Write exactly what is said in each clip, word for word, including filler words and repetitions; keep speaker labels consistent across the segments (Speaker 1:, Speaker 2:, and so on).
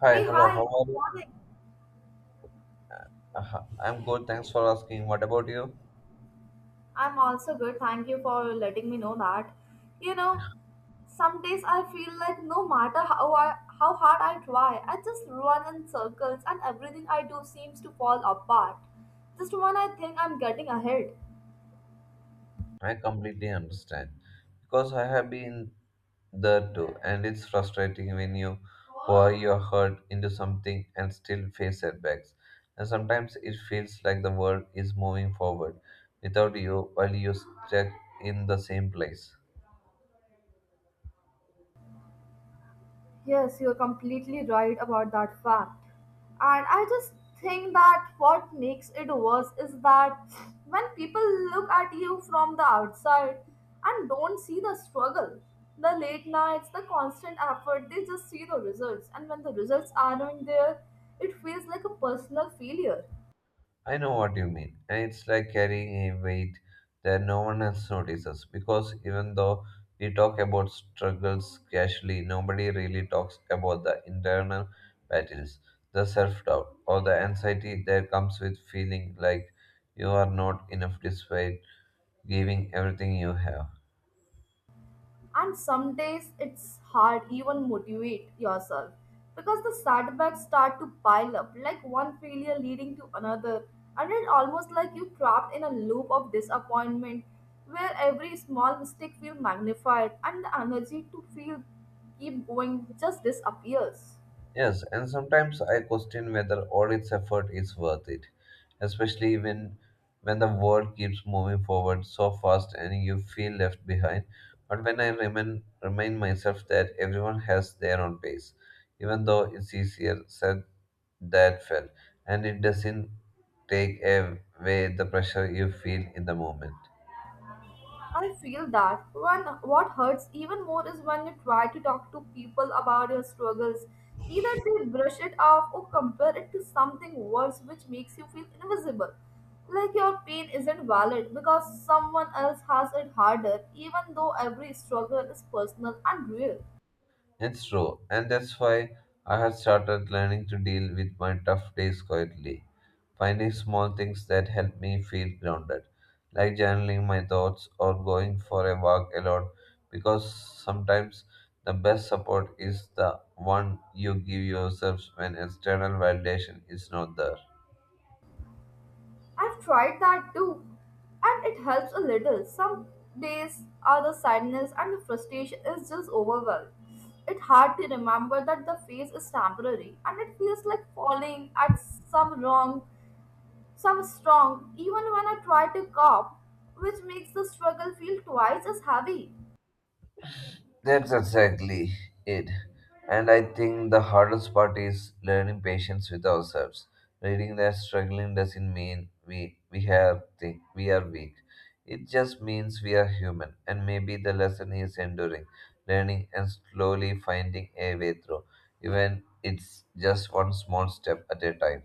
Speaker 1: Hi,
Speaker 2: Hey,
Speaker 1: hello,
Speaker 2: hi,
Speaker 1: how
Speaker 2: good
Speaker 1: are you?
Speaker 2: morning.
Speaker 1: Uh, I'm good, thanks for asking. What about you?
Speaker 2: I'm also good. Thank you for letting me know that. You know, some days I feel like no matter how I, how hard I try, I just run in circles and everything I do seems to fall apart. Just when I think I'm getting ahead.
Speaker 1: I completely understand. Because I have been there too, and it's frustrating when you pour your heart into something and still face setbacks. And sometimes it feels like the world is moving forward without you while you stuck in the same place.
Speaker 2: Yes, you're completely right about that fact. And I just think that what makes it worse is that when people look at you from the outside and don't see the struggle, the late nights, the constant effort, they just see the results. And when the results aren't there, it feels like a personal failure.
Speaker 1: I know what you mean. And it's like carrying a weight that no one else notices because even though we talk about struggles casually, nobody really talks about the internal battles, the self doubt, or the anxiety that comes with feeling like you are not enough despite giving everything you have.
Speaker 2: And some days it's hard even motivate yourself, because the setbacks start to pile up like one failure leading to another, and it's almost like you trapped in a loop of disappointment where every small mistake feels magnified and the energy to feel keep going just disappears.
Speaker 1: Yes, and sometimes I question whether all its effort is worth it, especially when when the world keeps moving forward so fast and you feel left behind. But when I remind remind myself that everyone has their own pace, even though it's easier said than felt, and it doesn't take away the pressure you feel in the moment.
Speaker 2: I feel that when what hurts even more is when you try to talk to people about your struggles. Either they brush it off or compare it to something worse, which makes you feel invisible. Like your pain isn't valid because someone else has it harder, even though every struggle is personal and real.
Speaker 1: It's true, and that's why I have started learning to deal with my tough days quietly, finding small things that help me feel grounded, like journaling my thoughts or going for a walk alone, because sometimes the best support is the one you give yourself when external validation is not there.
Speaker 2: I've tried that too, and it helps a little. Some days are the sadness and the frustration is just overwhelmed. It's hard to remember that the phase is temporary and it feels like falling at some wrong, some strong, even when I try to cope, which makes the struggle feel twice as heavy.
Speaker 1: That's exactly it. And I think the hardest part is learning patience with ourselves. Reading that struggling doesn't mean we we have thi- we are weak. It just means we are human, and maybe the lesson is enduring, learning, and slowly finding a way through, even it's just one small step at a time.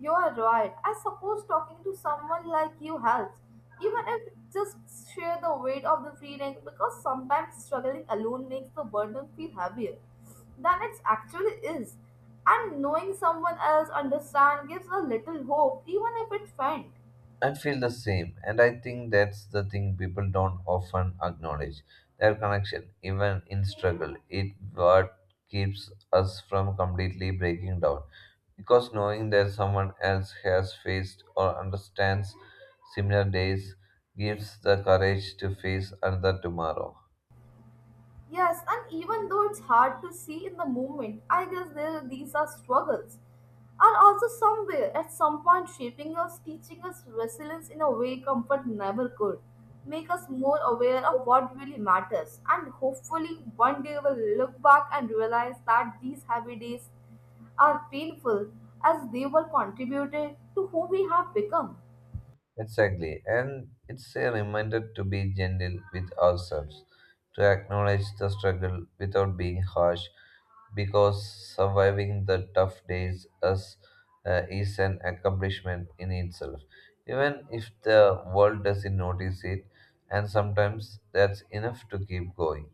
Speaker 2: You are right. I suppose talking to someone like you helps, even if just share the weight of the feeling, because sometimes struggling alone makes the burden feel heavier than it actually is. And knowing someone else understands gives a little hope, even if it's faint.
Speaker 1: I feel the same, and I think that's the thing people don't often acknowledge their connection, even in struggle. It what keeps us from completely breaking down, because knowing that someone else has faced or understands similar days gives the courage to face another tomorrow.
Speaker 2: Yes, and even though it's hard to see in the moment, I guess there these are struggles. Are also somewhere at some point shaping us, teaching us resilience in a way comfort never could. Make us more aware of what really matters, and hopefully one day we'll look back and realize that these happy days are painful as they were contributed to who we have become.
Speaker 1: Exactly, and it's a reminder to be gentle with ourselves, to acknowledge the struggle without being harsh, because surviving the tough days as, uh, is an accomplishment in itself, even if the world doesn't notice it, and sometimes that's enough to keep going.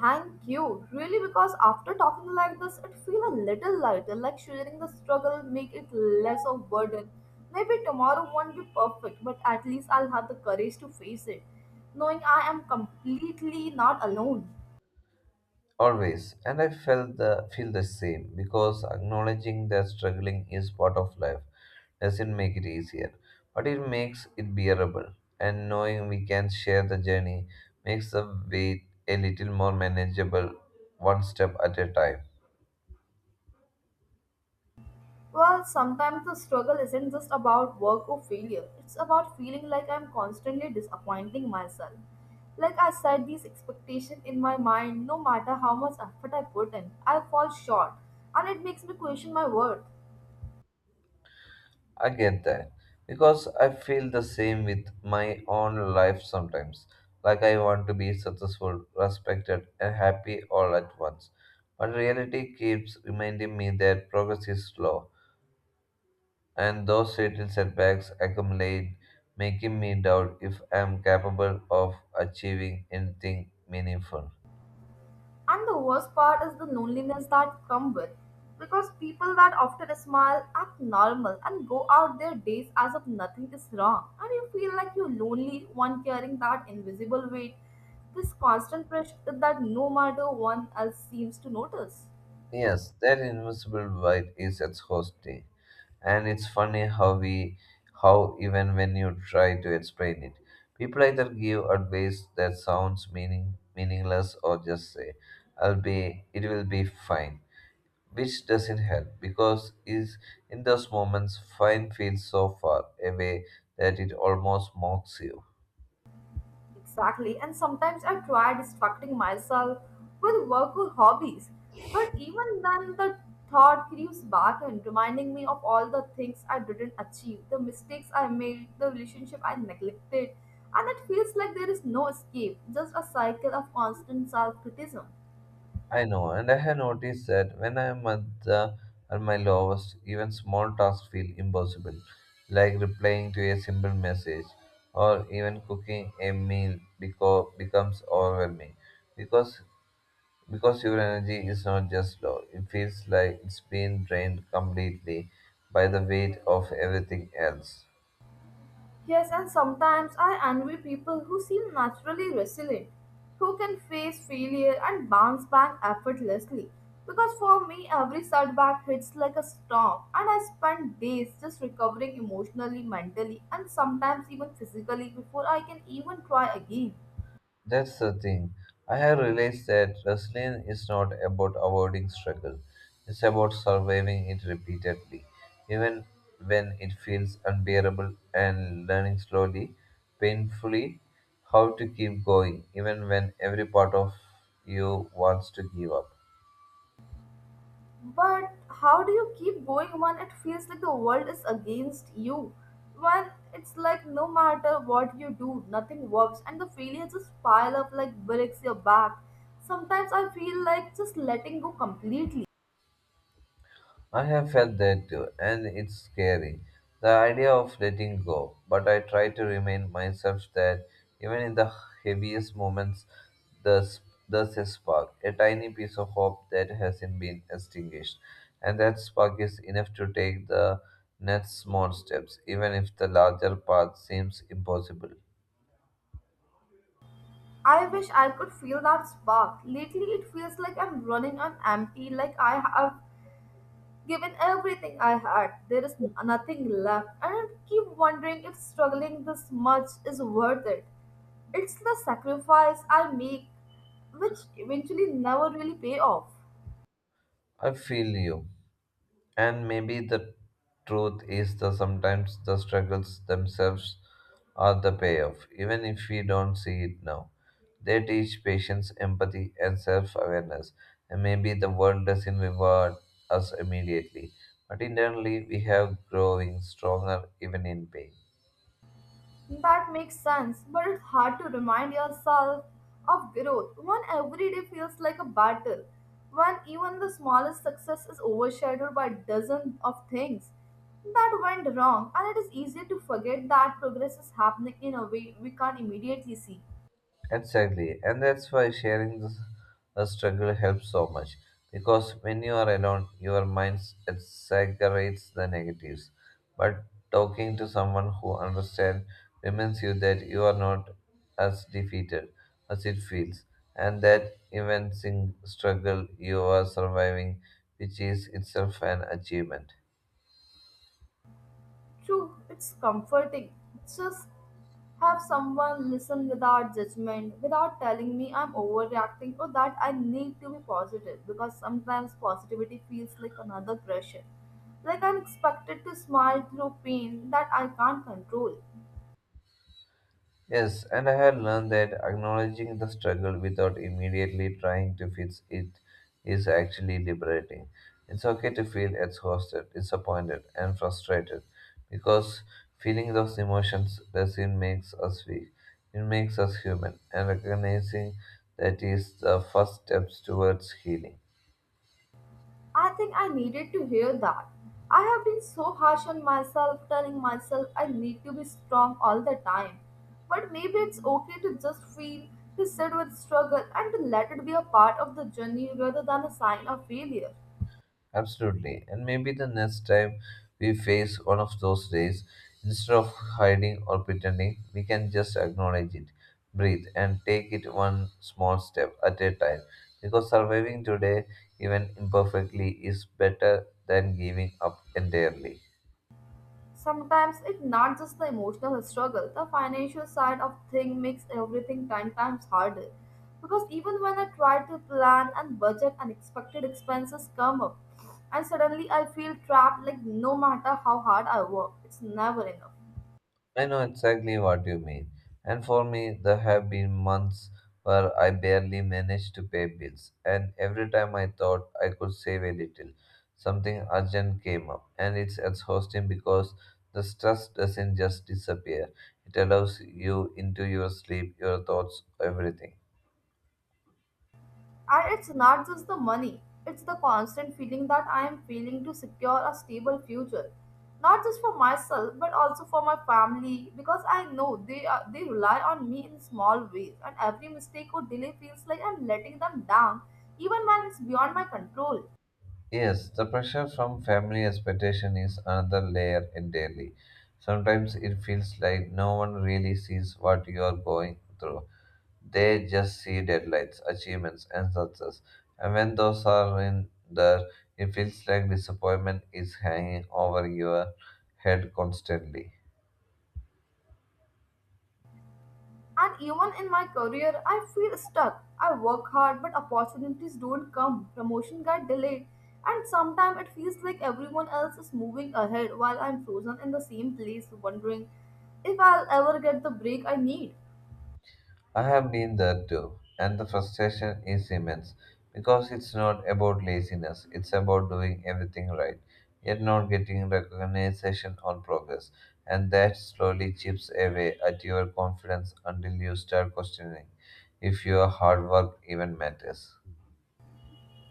Speaker 2: Thank you, really, because after talking like this, it feels a little lighter, like sharing the struggle make it less of burden. Maybe tomorrow won't be perfect, but at least I'll have the courage to face it, knowing I am completely not alone.
Speaker 1: Always, and I felt the feel the same because acknowledging that struggling is part of life doesn't make it easier, but it makes it bearable. And knowing we can share the journey makes the weight a little more manageable, one step at a time.
Speaker 2: Well, sometimes the struggle isn't just about work or failure. It's about feeling like I'm constantly disappointing myself. Like I set these expectations in my mind, no matter how much effort I put in, I fall short, and it makes me question my worth.
Speaker 1: I get that because I feel the same with my own life sometimes. Like I want to be successful, respected, and happy all at once. But reality keeps reminding me that progress is slow and those little setbacks accumulate, making me doubt if I am capable of achieving anything meaningful.
Speaker 2: And the worst part is the loneliness that come with. Because people that often smile act normal and go out their days as if nothing is wrong. And you feel like you're lonely one carrying that invisible weight, this constant pressure that no matter one else seems to notice.
Speaker 1: Yes, that invisible void is exhausting, and it's funny how we, how even when you try to explain it, people either give advice that sounds meaning meaningless or just say, "I'll be, it will be fine." which doesn't help because is in those moments fine feels so far away that it almost mocks you.
Speaker 2: Exactly, and sometimes I try distracting myself with work or hobbies, but even then the thought creeps back and reminding me of all the things I didn't achieve, the mistakes I made, the relationship I neglected, and it feels like there is no escape, just a cycle of constant self criticism.
Speaker 1: I know, and I have noticed that when I am at the at my lowest, even small tasks feel impossible, like replying to a simple message or even cooking a meal beco- becomes overwhelming because because your energy is not just low, it feels like it's been drained completely by the weight of everything else.
Speaker 2: Yes, and sometimes I envy people who seem naturally resilient, who can face failure and bounce back effortlessly. Because for me, every setback hits like a storm, and I spend days just recovering emotionally, mentally, and sometimes even physically before I can even try again.
Speaker 1: That's the thing. I have realized that wrestling is not about avoiding struggle. It's about surviving it repeatedly, even when it feels unbearable and learning slowly, painfully, how to keep going, even when every part of you wants to give up.
Speaker 2: But how do you keep going when it feels like the world is against you? When it's like no matter what you do, nothing works, and the failures just pile up like bricks your back. Sometimes I feel like just letting go completely.
Speaker 1: I have felt that too, and it's scary. The idea of letting go, but I try to remind myself that even in the heaviest moments, there's, there's a spark, a tiny piece of hope that hasn't been extinguished. And that spark is enough to take the next small steps, even if the larger path seems impossible.
Speaker 2: I wish I could feel that spark. Lately, it feels like I'm running on empty, like I have given everything I had, there is nothing left, and I keep wondering if struggling this much is worth it. It's the sacrifice I make, which eventually never really pay off.
Speaker 1: I feel you. And maybe the truth is that sometimes the struggles themselves are the payoff, even if we don't see it now. They teach patience, empathy, and self awareness, and maybe the world doesn't reward us immediately, but internally we have growing stronger even in pain.
Speaker 2: That makes sense, but it's hard to remind yourself of growth when every day feels like a battle, when even the smallest success is overshadowed by dozens of things that went wrong, and it is easy to forget that progress is happening in a way we can't immediately see.
Speaker 1: Exactly, and that's why sharing the, the struggle helps so much. Because when you are alone, your mind exaggerates the negatives. But talking to someone who understands reminds you that you are not as defeated as it feels, and that even in struggle you are surviving, which is itself an achievement.
Speaker 2: True, it's comforting. Just have someone listen without judgment, without telling me I'm overreacting or that I need to be positive, because sometimes positivity feels like another pressure. Like I'm expected to smile through pain that I can't control.
Speaker 1: Yes, and I had learned that acknowledging the struggle without immediately trying to fix it is actually liberating. It's okay to feel exhausted, disappointed, and frustrated because feeling those emotions doesn't make us weak. It makes us human, and recognizing that is the first steps towards healing.
Speaker 2: I think I needed to hear that. I have been so harsh on myself, telling myself I need to be strong all the time. But maybe it's okay to just feel, to sit with struggle, and to let it be a part of the journey rather than a sign of failure.
Speaker 1: Absolutely. And maybe the next time we face one of those days, instead of hiding or pretending, we can just acknowledge it, breathe, and take it one small step at a time. Because surviving today, even imperfectly, is better than giving up entirely.
Speaker 2: Sometimes it's not just the emotional struggle, the financial side of thing makes everything ten times harder. Because even when I try to plan and budget, unexpected expenses come up, and suddenly I feel trapped like no matter how hard I work, it's never enough.
Speaker 1: I know exactly what you mean. And for me, there have been months where I barely managed to pay bills, and every time I thought I could save a little, something urgent came up, and it's exhausting because the stress doesn't just disappear. It allows you into your sleep, your thoughts, everything.
Speaker 2: And it's not just the money, it's the constant feeling that I am feeling to secure a stable future. Not just for myself, but also for my family, because I know they are, they rely on me in small ways, and every mistake or delay feels like I'm letting them down, even when it's beyond my control.
Speaker 1: Yes, the pressure from family expectation is another layer entirely. Sometimes it feels like no one really sees what you are going through. They just see deadlines, achievements, and success. And when those are in there, it feels like disappointment is hanging over your head constantly.
Speaker 2: And even in my career, I feel stuck. I work hard, but opportunities don't come. Promotion got delayed. And sometimes it feels like everyone else is moving ahead while I'm frozen in the same place, wondering if I'll ever get the break I need.
Speaker 1: I have been there too, and the frustration is immense because it's not about laziness, it's about doing everything right, yet not getting recognition or progress. And that slowly chips away at your confidence until you start questioning if your hard work even matters.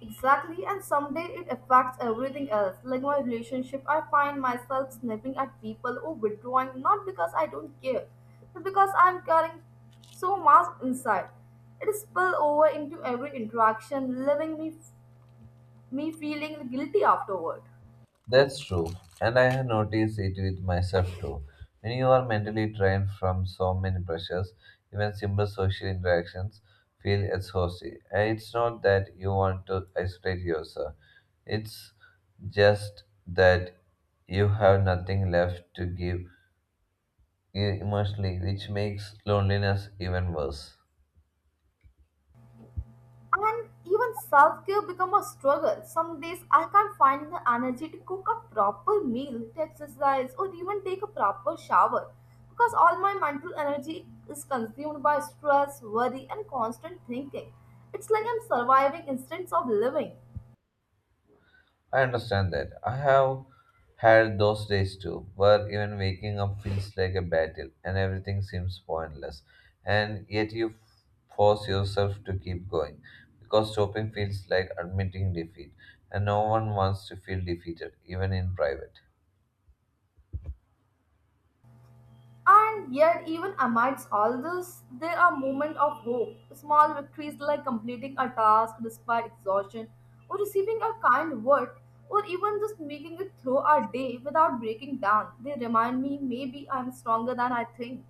Speaker 2: Exactly, and someday it affects everything else. Like my relationship, I find myself snapping at people or withdrawing not because I don't care, but because I'm carrying so much inside. It spills over into every interaction, leaving me me feeling guilty afterward.
Speaker 1: That's true, and I have noticed it with myself too. When you are mentally drained from so many pressures, even simple social interactions feel exhausting. And it's not that you want to isolate yourself, it's just that you have nothing left to give emotionally, which makes loneliness even worse.
Speaker 2: And even self care become a struggle. Some days I can't find the energy to cook a proper meal, to exercise, or even take a proper shower because all my mental energy is consumed by stress, worry, and constant thinking. It's like I'm surviving instead of living.
Speaker 1: I understand that. I have had those days too, where even waking up feels like a battle and everything seems pointless. And yet you f- force yourself to keep going because stopping feels like admitting defeat, and no one wants to feel defeated, even in private.
Speaker 2: And yet, even amidst all this, there are moments of hope. Small victories like completing a task despite exhaustion, or receiving a kind word, or even just making it through our day without breaking down. They remind me maybe I'm stronger than I think.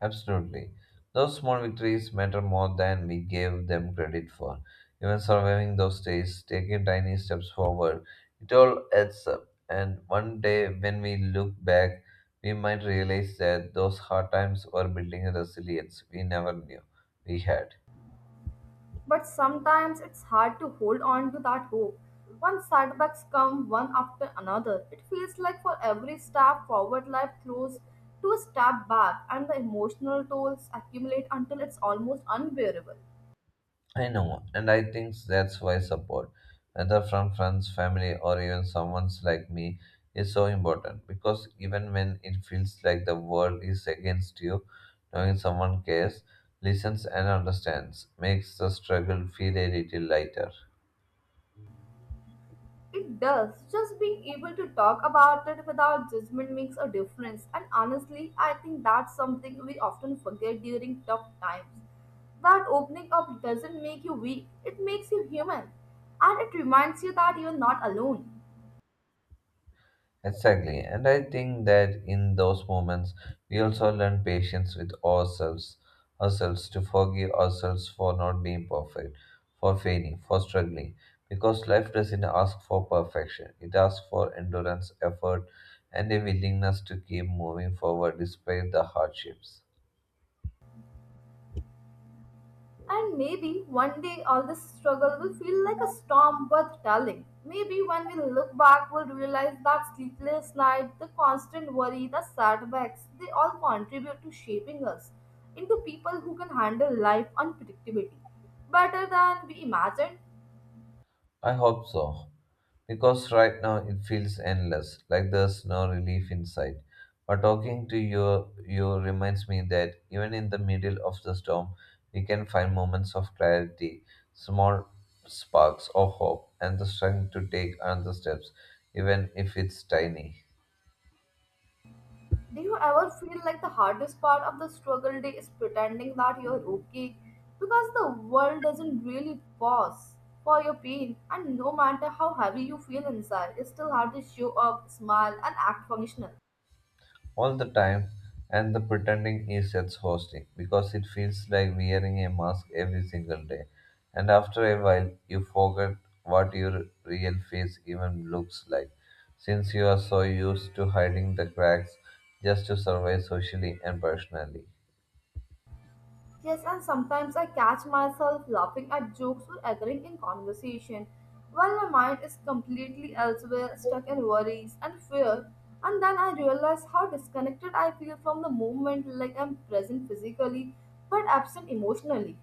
Speaker 1: Absolutely. Those small victories matter more than we gave them credit for. Even surviving those days, taking tiny steps forward, it all adds up. And one day, when we look back, we might realize that those hard times were building a resilience we never knew we had.
Speaker 2: But sometimes it's hard to hold on to that hope. When setbacks come one after another, it feels like for every step forward, life throws two steps back, and the emotional tolls accumulate until it's almost unbearable.
Speaker 1: I know, and I think that's why support, whether from friends, family, or even someone like me, is so important. Because even when it feels like the world is against you, knowing someone cares, listens, and understands makes the struggle feel a little lighter.
Speaker 2: It does. Just being able to talk about it without judgment makes a difference, and honestly, I think that's something we often forget during tough times that opening up doesn't make you weak, it makes you human. And it reminds you that you're not alone.
Speaker 1: Exactly. And I think that in those moments we also learn patience with ourselves, ourselves to forgive ourselves for not being perfect, for failing, for struggling. Because life doesn't ask for perfection. It asks for endurance, effort, and a willingness to keep moving forward despite the hardships.
Speaker 2: And maybe one day all this struggle will feel like a storm worth telling. Maybe when we look back, we'll realize that sleepless night, the constant worry, the setbacks, they all contribute to shaping us into people who can handle life unpredictability better than we imagined.
Speaker 1: I hope so, because right now it feels endless, like there's no relief in sight. But talking to you, you reminds me that even in the middle of the storm, we can find moments of clarity, small sparks of hope, and the strength to take another steps, even if it's tiny.
Speaker 2: Do you ever feel like the hardest part of the struggle day is pretending that you're okay? Because the world doesn't really pause for your pain, and no matter how heavy you feel inside, it's still hard to show up, smile, and act functional.
Speaker 1: All the time, and the pretending is exhausting because it feels like wearing a mask every single day. And after a while, you forget what your real face even looks like, since you are so used to hiding the cracks just to survive socially and personally.
Speaker 2: Yes, and sometimes I catch myself laughing at jokes or occurring in conversation while my mind is completely elsewhere, stuck in worries and fear. And then I realize how disconnected I feel from the moment, like I'm present physically but absent emotionally.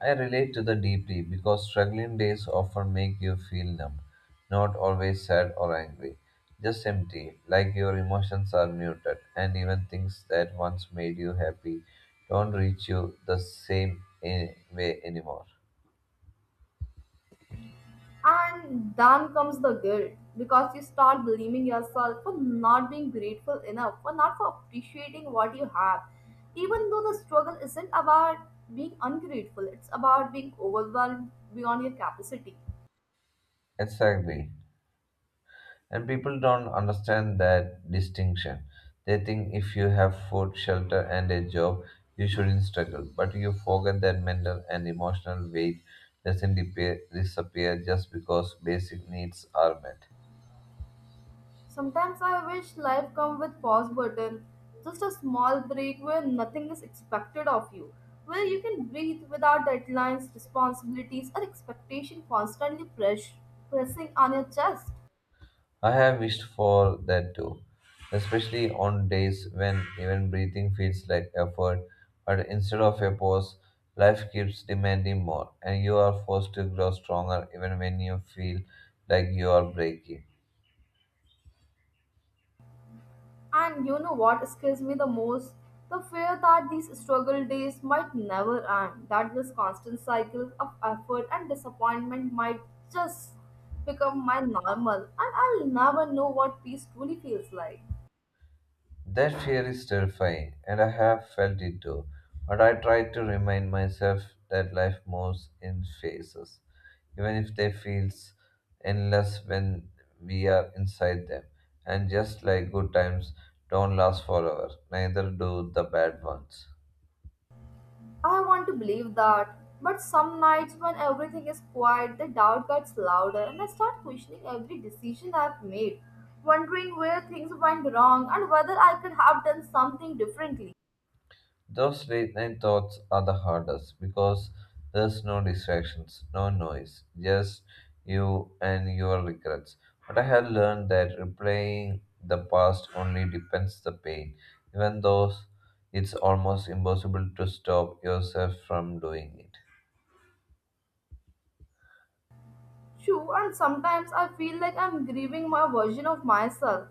Speaker 1: I relate to that deeply because struggling days often make you feel numb, not always sad or angry, just empty, like your emotions are muted, and even things that once made you happy don't reach you the same eh, way anymore.
Speaker 2: And then comes the guilt because you start blaming yourself for not being grateful enough, for not for appreciating what you have. Even though the struggle isn't about being ungrateful, it's about being overwhelmed beyond your capacity.
Speaker 1: Exactly. And people don't understand that distinction. They think if you have food, shelter, and a job, you shouldn't struggle. But you forget that mental and emotional weight doesn't depe- disappear just because basic needs are met.
Speaker 2: Sometimes I wish life come with pause button, just a small break where nothing is expected of you, where you can breathe without deadlines, responsibilities, or expectation constantly press, pressing on your chest.
Speaker 1: I have wished for that too, especially on days when even breathing feels like effort, but instead of a pause, life keeps demanding more, and you are forced to grow stronger even when you feel like you are breaking.
Speaker 2: And you know what scares me the most? The fear that these struggle days might never end, that this constant cycle of effort and disappointment might just become my normal, and I'll never know what peace truly feels like.
Speaker 1: That fear is terrifying, and I have felt it too. But I try to remind myself that life moves in phases, even if they feels endless when we are inside them. And just like good times don't last forever, neither do the bad ones.
Speaker 2: I want to believe that, but some nights when everything is quiet, the doubt gets louder, and I start questioning every decision I've made, wondering where things went wrong and whether I could have done something differently.
Speaker 1: Those late night thoughts are the hardest because there's no distractions, no noise, just you and your regrets. But I have learned that replaying the past only depends the pain, even though it's almost impossible to stop yourself from doing it.
Speaker 2: True, and sometimes I feel like I'm grieving my version of myself,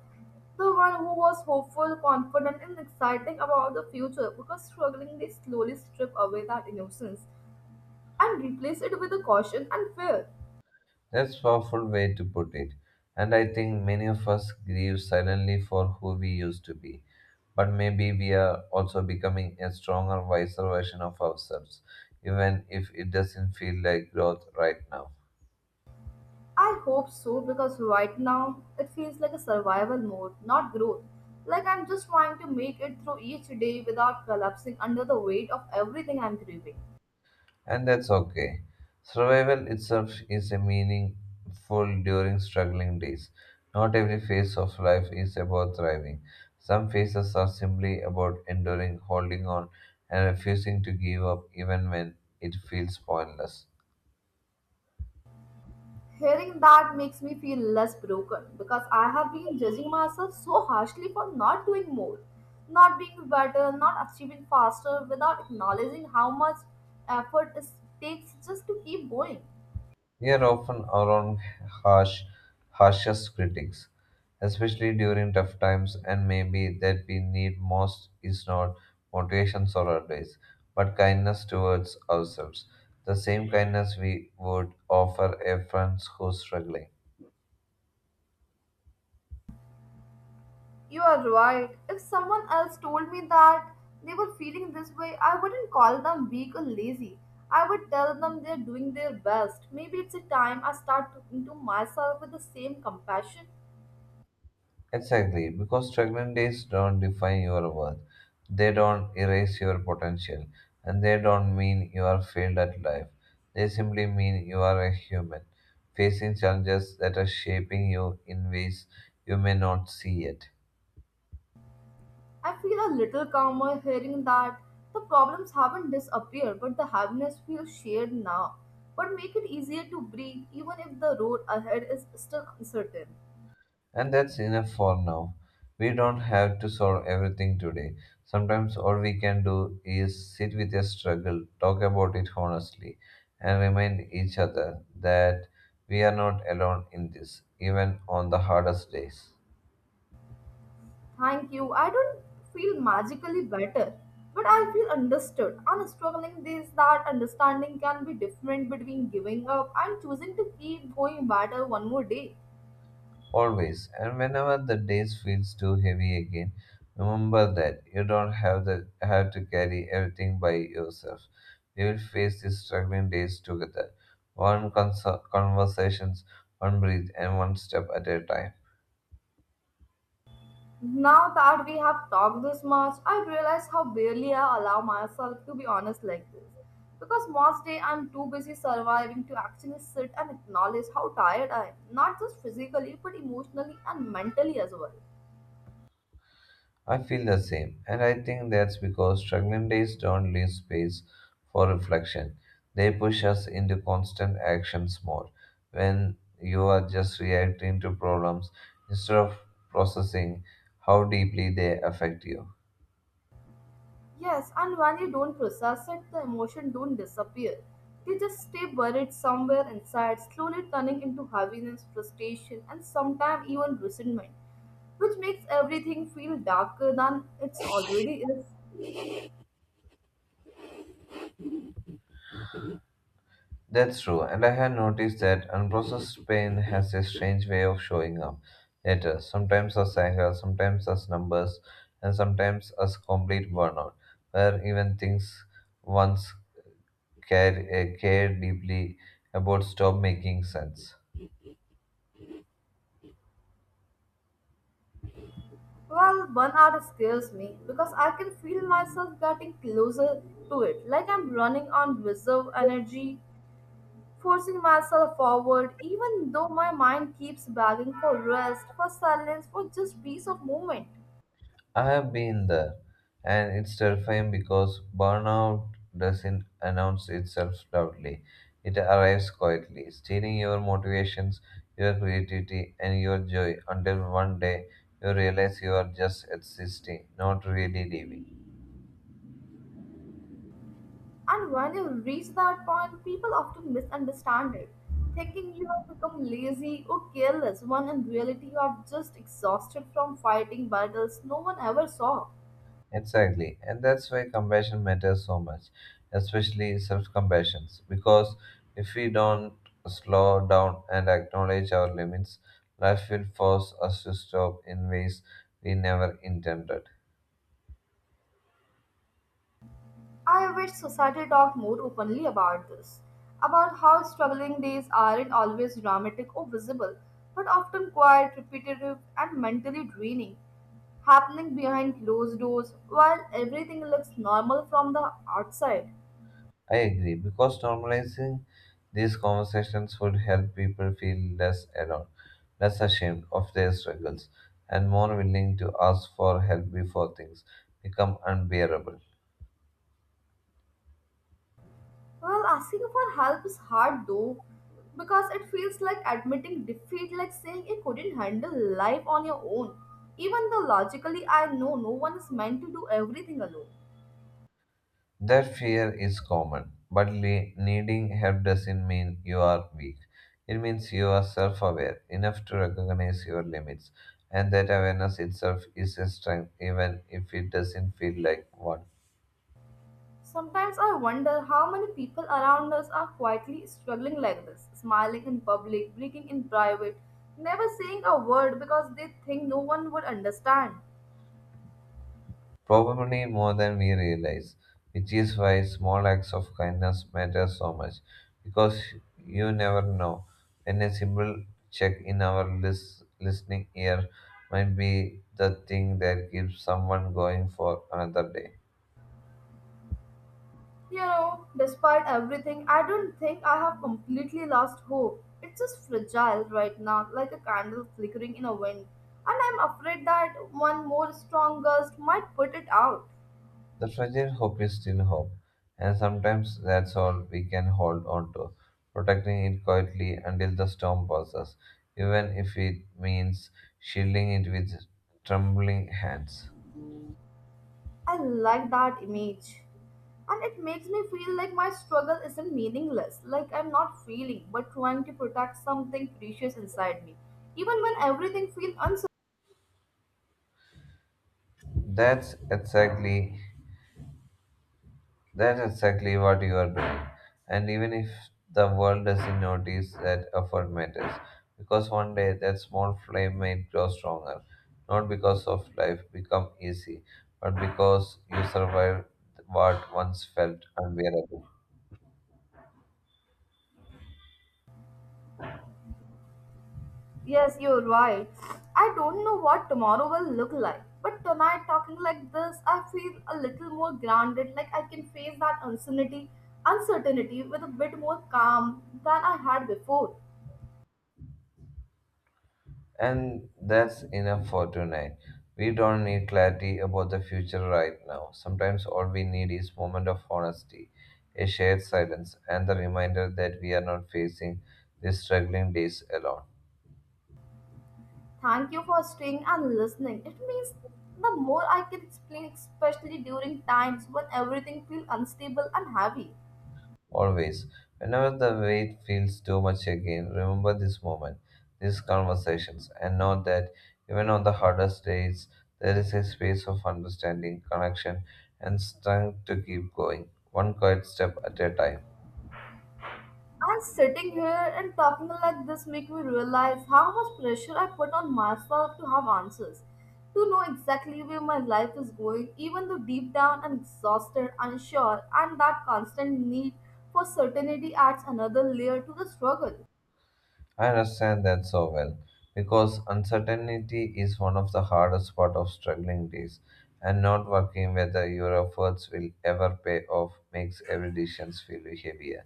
Speaker 2: the one who was hopeful, confident, and exciting about the future because struggling they slowly strip away that innocence and replace it with a caution and fear.
Speaker 1: That's powerful way to put it. And I think many of us grieve silently for who we used to be. But maybe we are also becoming a stronger, wiser version of ourselves, even if it doesn't feel like growth right now.
Speaker 2: I hope so because right now it feels like a survival mode, not growth. Like I'm just trying to make it through each day without collapsing under the weight of everything I'm grieving.
Speaker 1: And that's okay. Survival itself is a meaningful during struggling days. Not every phase of life is about thriving. Some phases are simply about enduring, holding on, and refusing to give up even when it feels pointless.
Speaker 2: Hearing that makes me feel less broken because I have been judging myself so harshly for not doing more, not being better, not achieving faster without acknowledging how much effort it takes just to keep going.
Speaker 1: We are often our own harsh, harshest critics, especially during tough times, and maybe that we need most is not motivations or advice, but kindness towards ourselves. The same kindness we would offer a friend who's struggling.
Speaker 2: You are right. If someone else told me that they were feeling this way, I wouldn't call them weak or lazy. I would tell them they're doing their best. Maybe it's a time I start talking to myself with the same compassion.
Speaker 1: Exactly, because struggling days don't define your worth. They don't erase your potential, and they don't mean you are failed at life. They simply mean you are a human, facing challenges that are shaping you in ways you may not see yet.
Speaker 2: I feel a little calmer hearing that the problems haven't disappeared, but the happiness feels shared now. But make it easier to breathe, even if the road ahead is still uncertain.
Speaker 1: And that's enough for now. We don't have to solve everything today. Sometimes all we can do is sit with a struggle, talk about it honestly, and remind each other that we are not alone in this, even on the hardest days.
Speaker 2: Thank you. I don't feel magically better, but I feel understood. And struggling days, that understanding can be different between giving up and choosing to keep going better one more day.
Speaker 1: Always. And whenever the days feels too heavy again, remember that you don't have the have to carry everything by yourself. We will face these struggling days together. One cons- Conversations, one breath, and one step at a time.
Speaker 2: Now that we have talked this much, I realize how barely I allow myself to be honest like this. Because most day I'm too busy surviving to actually sit and acknowledge how tired I am, not just physically but emotionally and mentally as well.
Speaker 1: I feel the same, and I think that's because struggling days don't leave space for reflection. They push us into constant actions mode. When you are just reacting to problems instead of processing how deeply they affect you.
Speaker 2: Yes, and when you don't process it, the emotion don't disappear. They just stay buried somewhere inside, slowly turning into heaviness, frustration, and sometimes even resentment, which makes everything feel darker than it's already is.
Speaker 1: That's true, and I had noticed that unprocessed pain has a strange way of showing up later, sometimes as anger, sometimes as numbers, and sometimes as complete burnout, where even things once care, uh, care deeply about stop making sense.
Speaker 2: Well, burnout scares me because I can feel myself getting closer to it, like I'm running on reserve energy, forcing myself forward, even though my mind keeps begging for rest, for silence, for just peace of moment.
Speaker 1: I have been there, and it's terrifying because burnout doesn't announce itself loudly. It arrives quietly, stealing your motivations, your creativity, and your joy until one day you realize you are just existing, not really living.
Speaker 2: And when you reach that point, people often misunderstand it, thinking you have become lazy or careless, when in reality you are just exhausted from fighting battles no one ever saw.
Speaker 1: Exactly, and that's why compassion matters so much, especially self compassion. Because if we don't slow down and acknowledge our limits, life will force us to stop in ways we never intended.
Speaker 2: I wish society talked more openly about this, about how struggling days aren't always dramatic or visible, but often quiet, repetitive, and mentally draining, happening behind closed doors while everything looks normal from the outside.
Speaker 1: I agree, because normalizing these conversations would help people feel less alone, less ashamed of their struggles, and more willing to ask for help before things become unbearable.
Speaker 2: Well, asking for help is hard though, because it feels like admitting defeat, like saying you couldn't handle life on your own, even though logically I know no one is meant to do everything alone.
Speaker 1: That fear is common, but le- needing help doesn't mean you are weak. It means you are self aware enough to recognize your limits, and that awareness itself is a strength even if it doesn't feel like one.
Speaker 2: Sometimes I wonder how many people around us are quietly struggling like this, smiling in public, breathing in private, never saying a word because they think no one would understand.
Speaker 1: Probably more than we realize, which is why small acts of kindness matter so much, because you never know when a simple check in our lis- listening ear might be the thing that keeps someone going for another day.
Speaker 2: You know, despite everything, I don't think I have completely lost hope. It's just fragile right now, like a candle flickering in a wind, and I'm afraid that one more strong gust might put it out.
Speaker 1: The fragile hope is still hope, and sometimes that's all we can hold on to, protecting it quietly until the storm passes, even if it means shielding it with trembling hands.
Speaker 2: I like that image. And it makes me feel like my struggle isn't meaningless, like I'm not failing, but trying to protect something precious inside me. Even when everything feels uncertain.
Speaker 1: That's exactly That's exactly what you are doing. And even if the world doesn't notice that effort matters, because one day that small flame might grow stronger, not because of life become easy, but because you survived what once felt unbearable.
Speaker 2: Yes, you're right. I don't know what tomorrow will look like. But tonight, talking like this, I feel a little more grounded, like I can face that uncertainty, uncertainty with a bit more calm than I had before.
Speaker 1: And that's enough for tonight. We don't need clarity about the future right now. Sometimes all we need is moment of honesty, a shared silence, and the reminder that we are not facing these struggling days alone.
Speaker 2: Thank you for staying and listening. It means the more I can explain, especially during times when everything feels unstable and heavy.
Speaker 1: Always. Whenever the weight feels too much again, remember this moment, these conversations, and know that even on the hardest days, there is a space of understanding, connection, and strength to keep going, one quiet step at a time.
Speaker 2: And sitting here and talking like this make me realize how much pressure I put on myself to have answers, to know exactly where my life is going, even though deep down I'm exhausted, unsure, and that constant need for certainty adds another layer to the struggle.
Speaker 1: I understand that so well, because uncertainty is one of the hardest part of struggling days, and not working whether your efforts will ever pay off makes every decision feel heavier.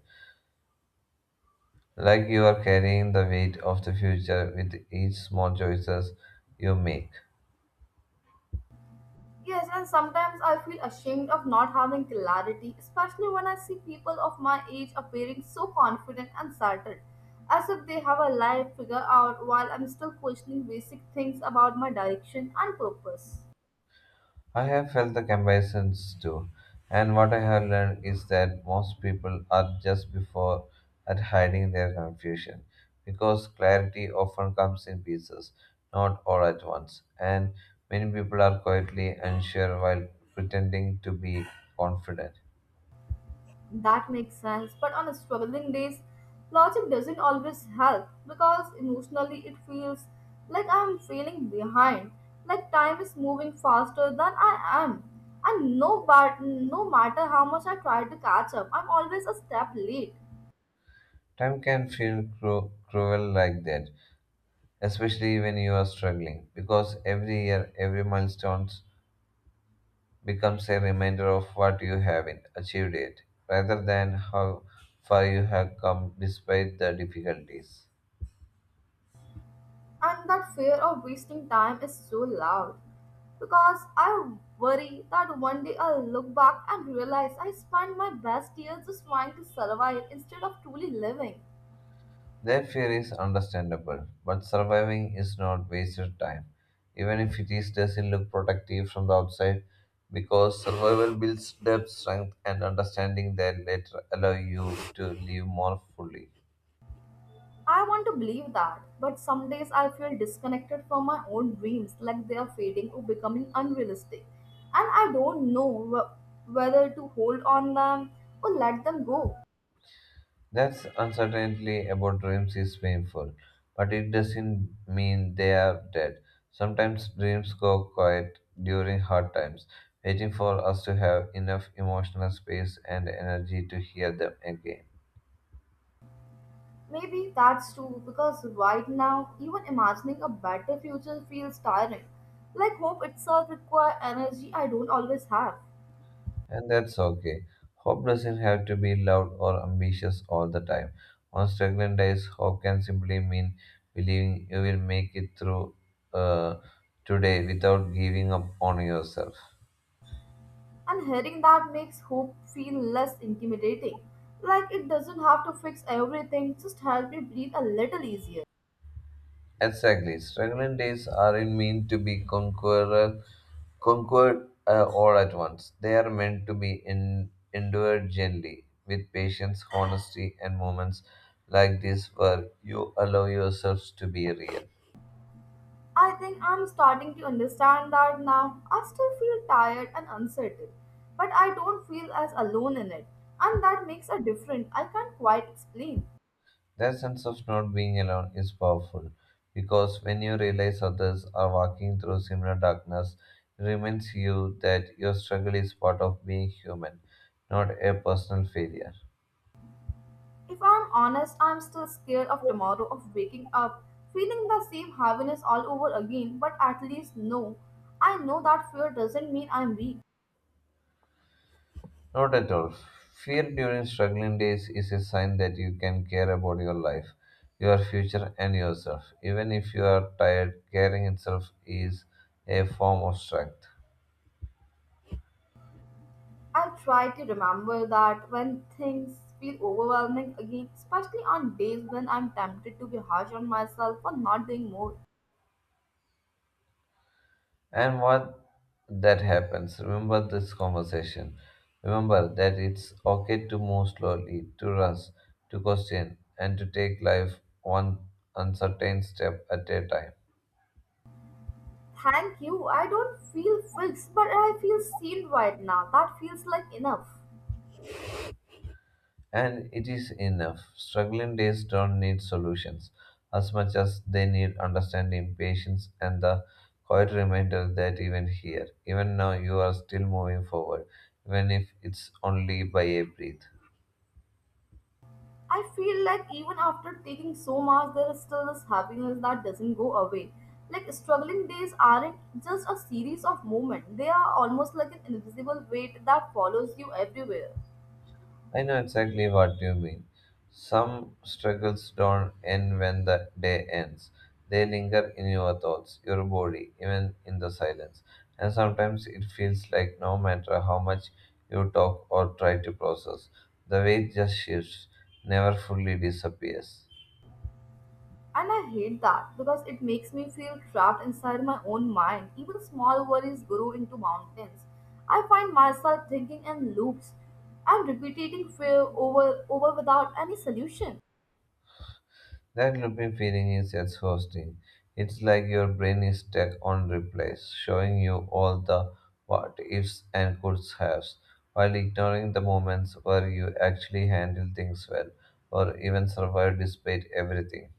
Speaker 1: Like you are carrying the weight of the future with each small choices you make.
Speaker 2: Yes, and sometimes I feel ashamed of not having clarity, especially when I see people of my age appearing so confident and settled, as if they have a life figured out while I'm still questioning basic things about my direction and purpose.
Speaker 1: I have felt the comparisons too, and what I have learned is that most people are just before at hiding their confusion, because clarity often comes in pieces, not all at once, and many people are quietly unsure while pretending to be confident.
Speaker 2: That makes sense, but on struggling days, logic doesn't always help because emotionally it feels like I'm feeling behind, like time is moving faster than I am. And no, but no matter how much I try to catch up, I'm always a step late.
Speaker 1: Time can feel cru- cruel like that especially when you are struggling, because every year, every milestone becomes a reminder of what you have in- achieved it, rather than how far you have come despite the difficulties.
Speaker 2: And that fear of wasting time is so loud because I worry that one day I'll look back and realize I spent my best years just trying to survive instead of truly living.
Speaker 1: That fear is understandable, but surviving is not wasted time, even if it is doesn't look protective from the outside, because survival builds depth, strength, and understanding that later allow you to live more fully.
Speaker 2: I want to believe that, but some days I feel disconnected from my own dreams, like they are fading or becoming unrealistic. And I don't know wh- whether to hold on them or let them go.
Speaker 1: That's uncertainty about dreams is painful, but it doesn't mean they are dead. Sometimes dreams go quiet during hard times, waiting for us to have enough emotional space and energy to hear them again.
Speaker 2: Maybe that's true because right now, even imagining a better future feels tiring. Like hope itself requires energy I don't always have.
Speaker 1: And that's okay. Hope doesn't have to be loud or ambitious all the time. On struggling days, hope can simply mean believing you will make it through uh, today without giving up on yourself.
Speaker 2: And hearing that makes hope feel less intimidating. Like it doesn't have to fix everything, just help me breathe a little easier.
Speaker 1: Exactly. Struggling days aren't meant to be conqueror, conquered uh, all at once. They are meant to be en- endured gently, with patience, honesty, and moments like this where you allow yourselves to be real.
Speaker 2: I think I'm starting to understand that now. I still feel tired and uncertain, but I don't feel as alone in it, and that makes a difference I can't quite explain.
Speaker 1: That sense of not being alone is powerful because when you realize others are walking through similar darkness, it reminds you that your struggle is part of being human, not a personal failure.
Speaker 2: If I'm honest, I'm still scared of tomorrow, of waking up, feeling the same heaviness all over again, but at least know. I know that fear doesn't mean I'm weak.
Speaker 1: Not at all. Fear during struggling days is a sign that you can care about your life, your future, and yourself. Even if you are tired, caring itself is a form of strength.
Speaker 2: I try to remember that when things feel overwhelming again, especially on days when I'm tempted to be harsh on myself for not doing more.
Speaker 1: And what that happens, remember this conversation. Remember that it's okay to move slowly, to rush, to question, and to take life one uncertain step at a time.
Speaker 2: Thank you. I don't feel fixed, but I feel seen right now. That feels like enough.
Speaker 1: And it is enough. Struggling days don't need solutions as much as they need understanding, patience, and the quiet reminder that even here, even now, you are still moving forward, even if it's only by a breath.
Speaker 2: I feel like even after taking so much, there is still this happiness that doesn't go away. Like struggling days aren't just a series of moments, they are almost like an invisible weight that follows you everywhere.
Speaker 1: I know exactly what you mean. Some struggles don't end when the day ends. They linger in your thoughts, your body, even in the silence. And sometimes it feels like no matter how much you talk or try to process, the weight just shifts, never fully disappears.
Speaker 2: And I hate that because it makes me feel trapped inside my own mind. Even small worries grow into mountains. I find myself thinking in loops and repeating fear over over without any solution.
Speaker 1: That looping feeling is exhausting. It's like your brain is stuck on replays, showing you all the what ifs and coulds haves, while ignoring the moments where you actually handled things well or even survived despite everything.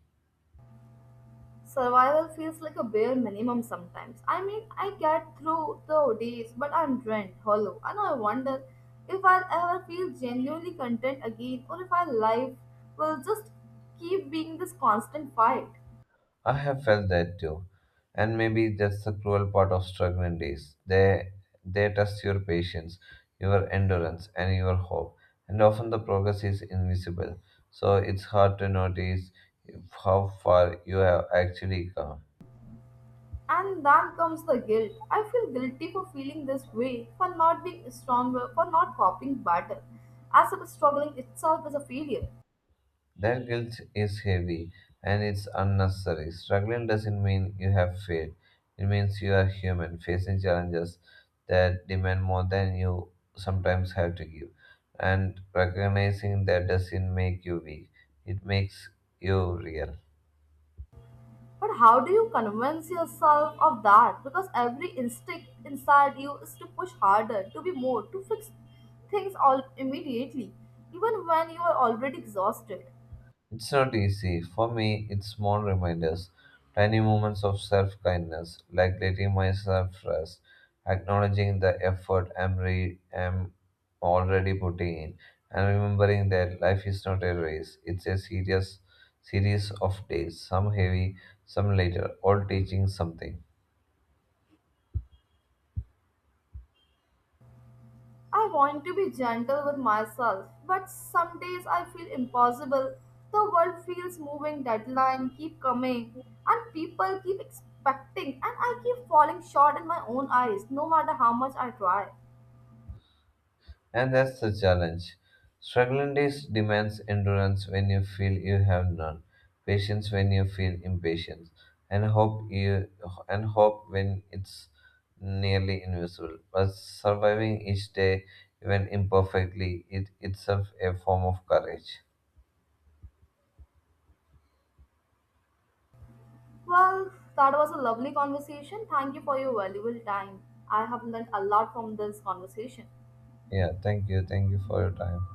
Speaker 2: Survival feels like a bare minimum sometimes. I mean, I get through the days, but I'm drained, hollow, and I wonder if I'll ever feel genuinely content again or if my life will just keep being this constant fight.
Speaker 1: I have felt that too. And maybe that's the cruel part of struggling days. They they test your patience, your endurance, and your hope. And often the progress is invisible. So it's hard to notice how far you have actually come.
Speaker 2: And then comes the guilt. I feel guilty for feeling this way, for not being stronger, for not copying better, as if struggling itself is a failure.
Speaker 1: That guilt is heavy and it's unnecessary. Struggling doesn't mean you have failed, it means you are human, facing challenges that demand more than you sometimes have to give. And recognizing that doesn't make you weak, it makes you real.
Speaker 2: But how do you convince yourself of that? Because every instinct inside you is to push harder, to be more, to fix things all immediately, even when you are already exhausted.
Speaker 1: It's not easy. For me, it's small reminders, tiny moments of self kindness, like letting myself rest, acknowledging the effort I'm, re- I'm already putting in, and remembering that life is not a race. It's a serious series of days, some heavy, some lighter, all teaching something.
Speaker 2: I want to be gentle with myself, but some days I feel impossible. The world feels moving, deadline keep coming, and people keep expecting, and I keep falling short in my own eyes, no matter how much I try.
Speaker 1: And that's the challenge. Struggling days demands endurance when you feel you have none, patience when you feel impatience, and hope you and hope when it's nearly invisible. But surviving each day, even imperfectly, it itself a form of courage.
Speaker 2: Well, that was a lovely conversation. Thank you for your valuable time. I have learned a lot from this conversation.
Speaker 1: Yeah, thank you, thank you for your time.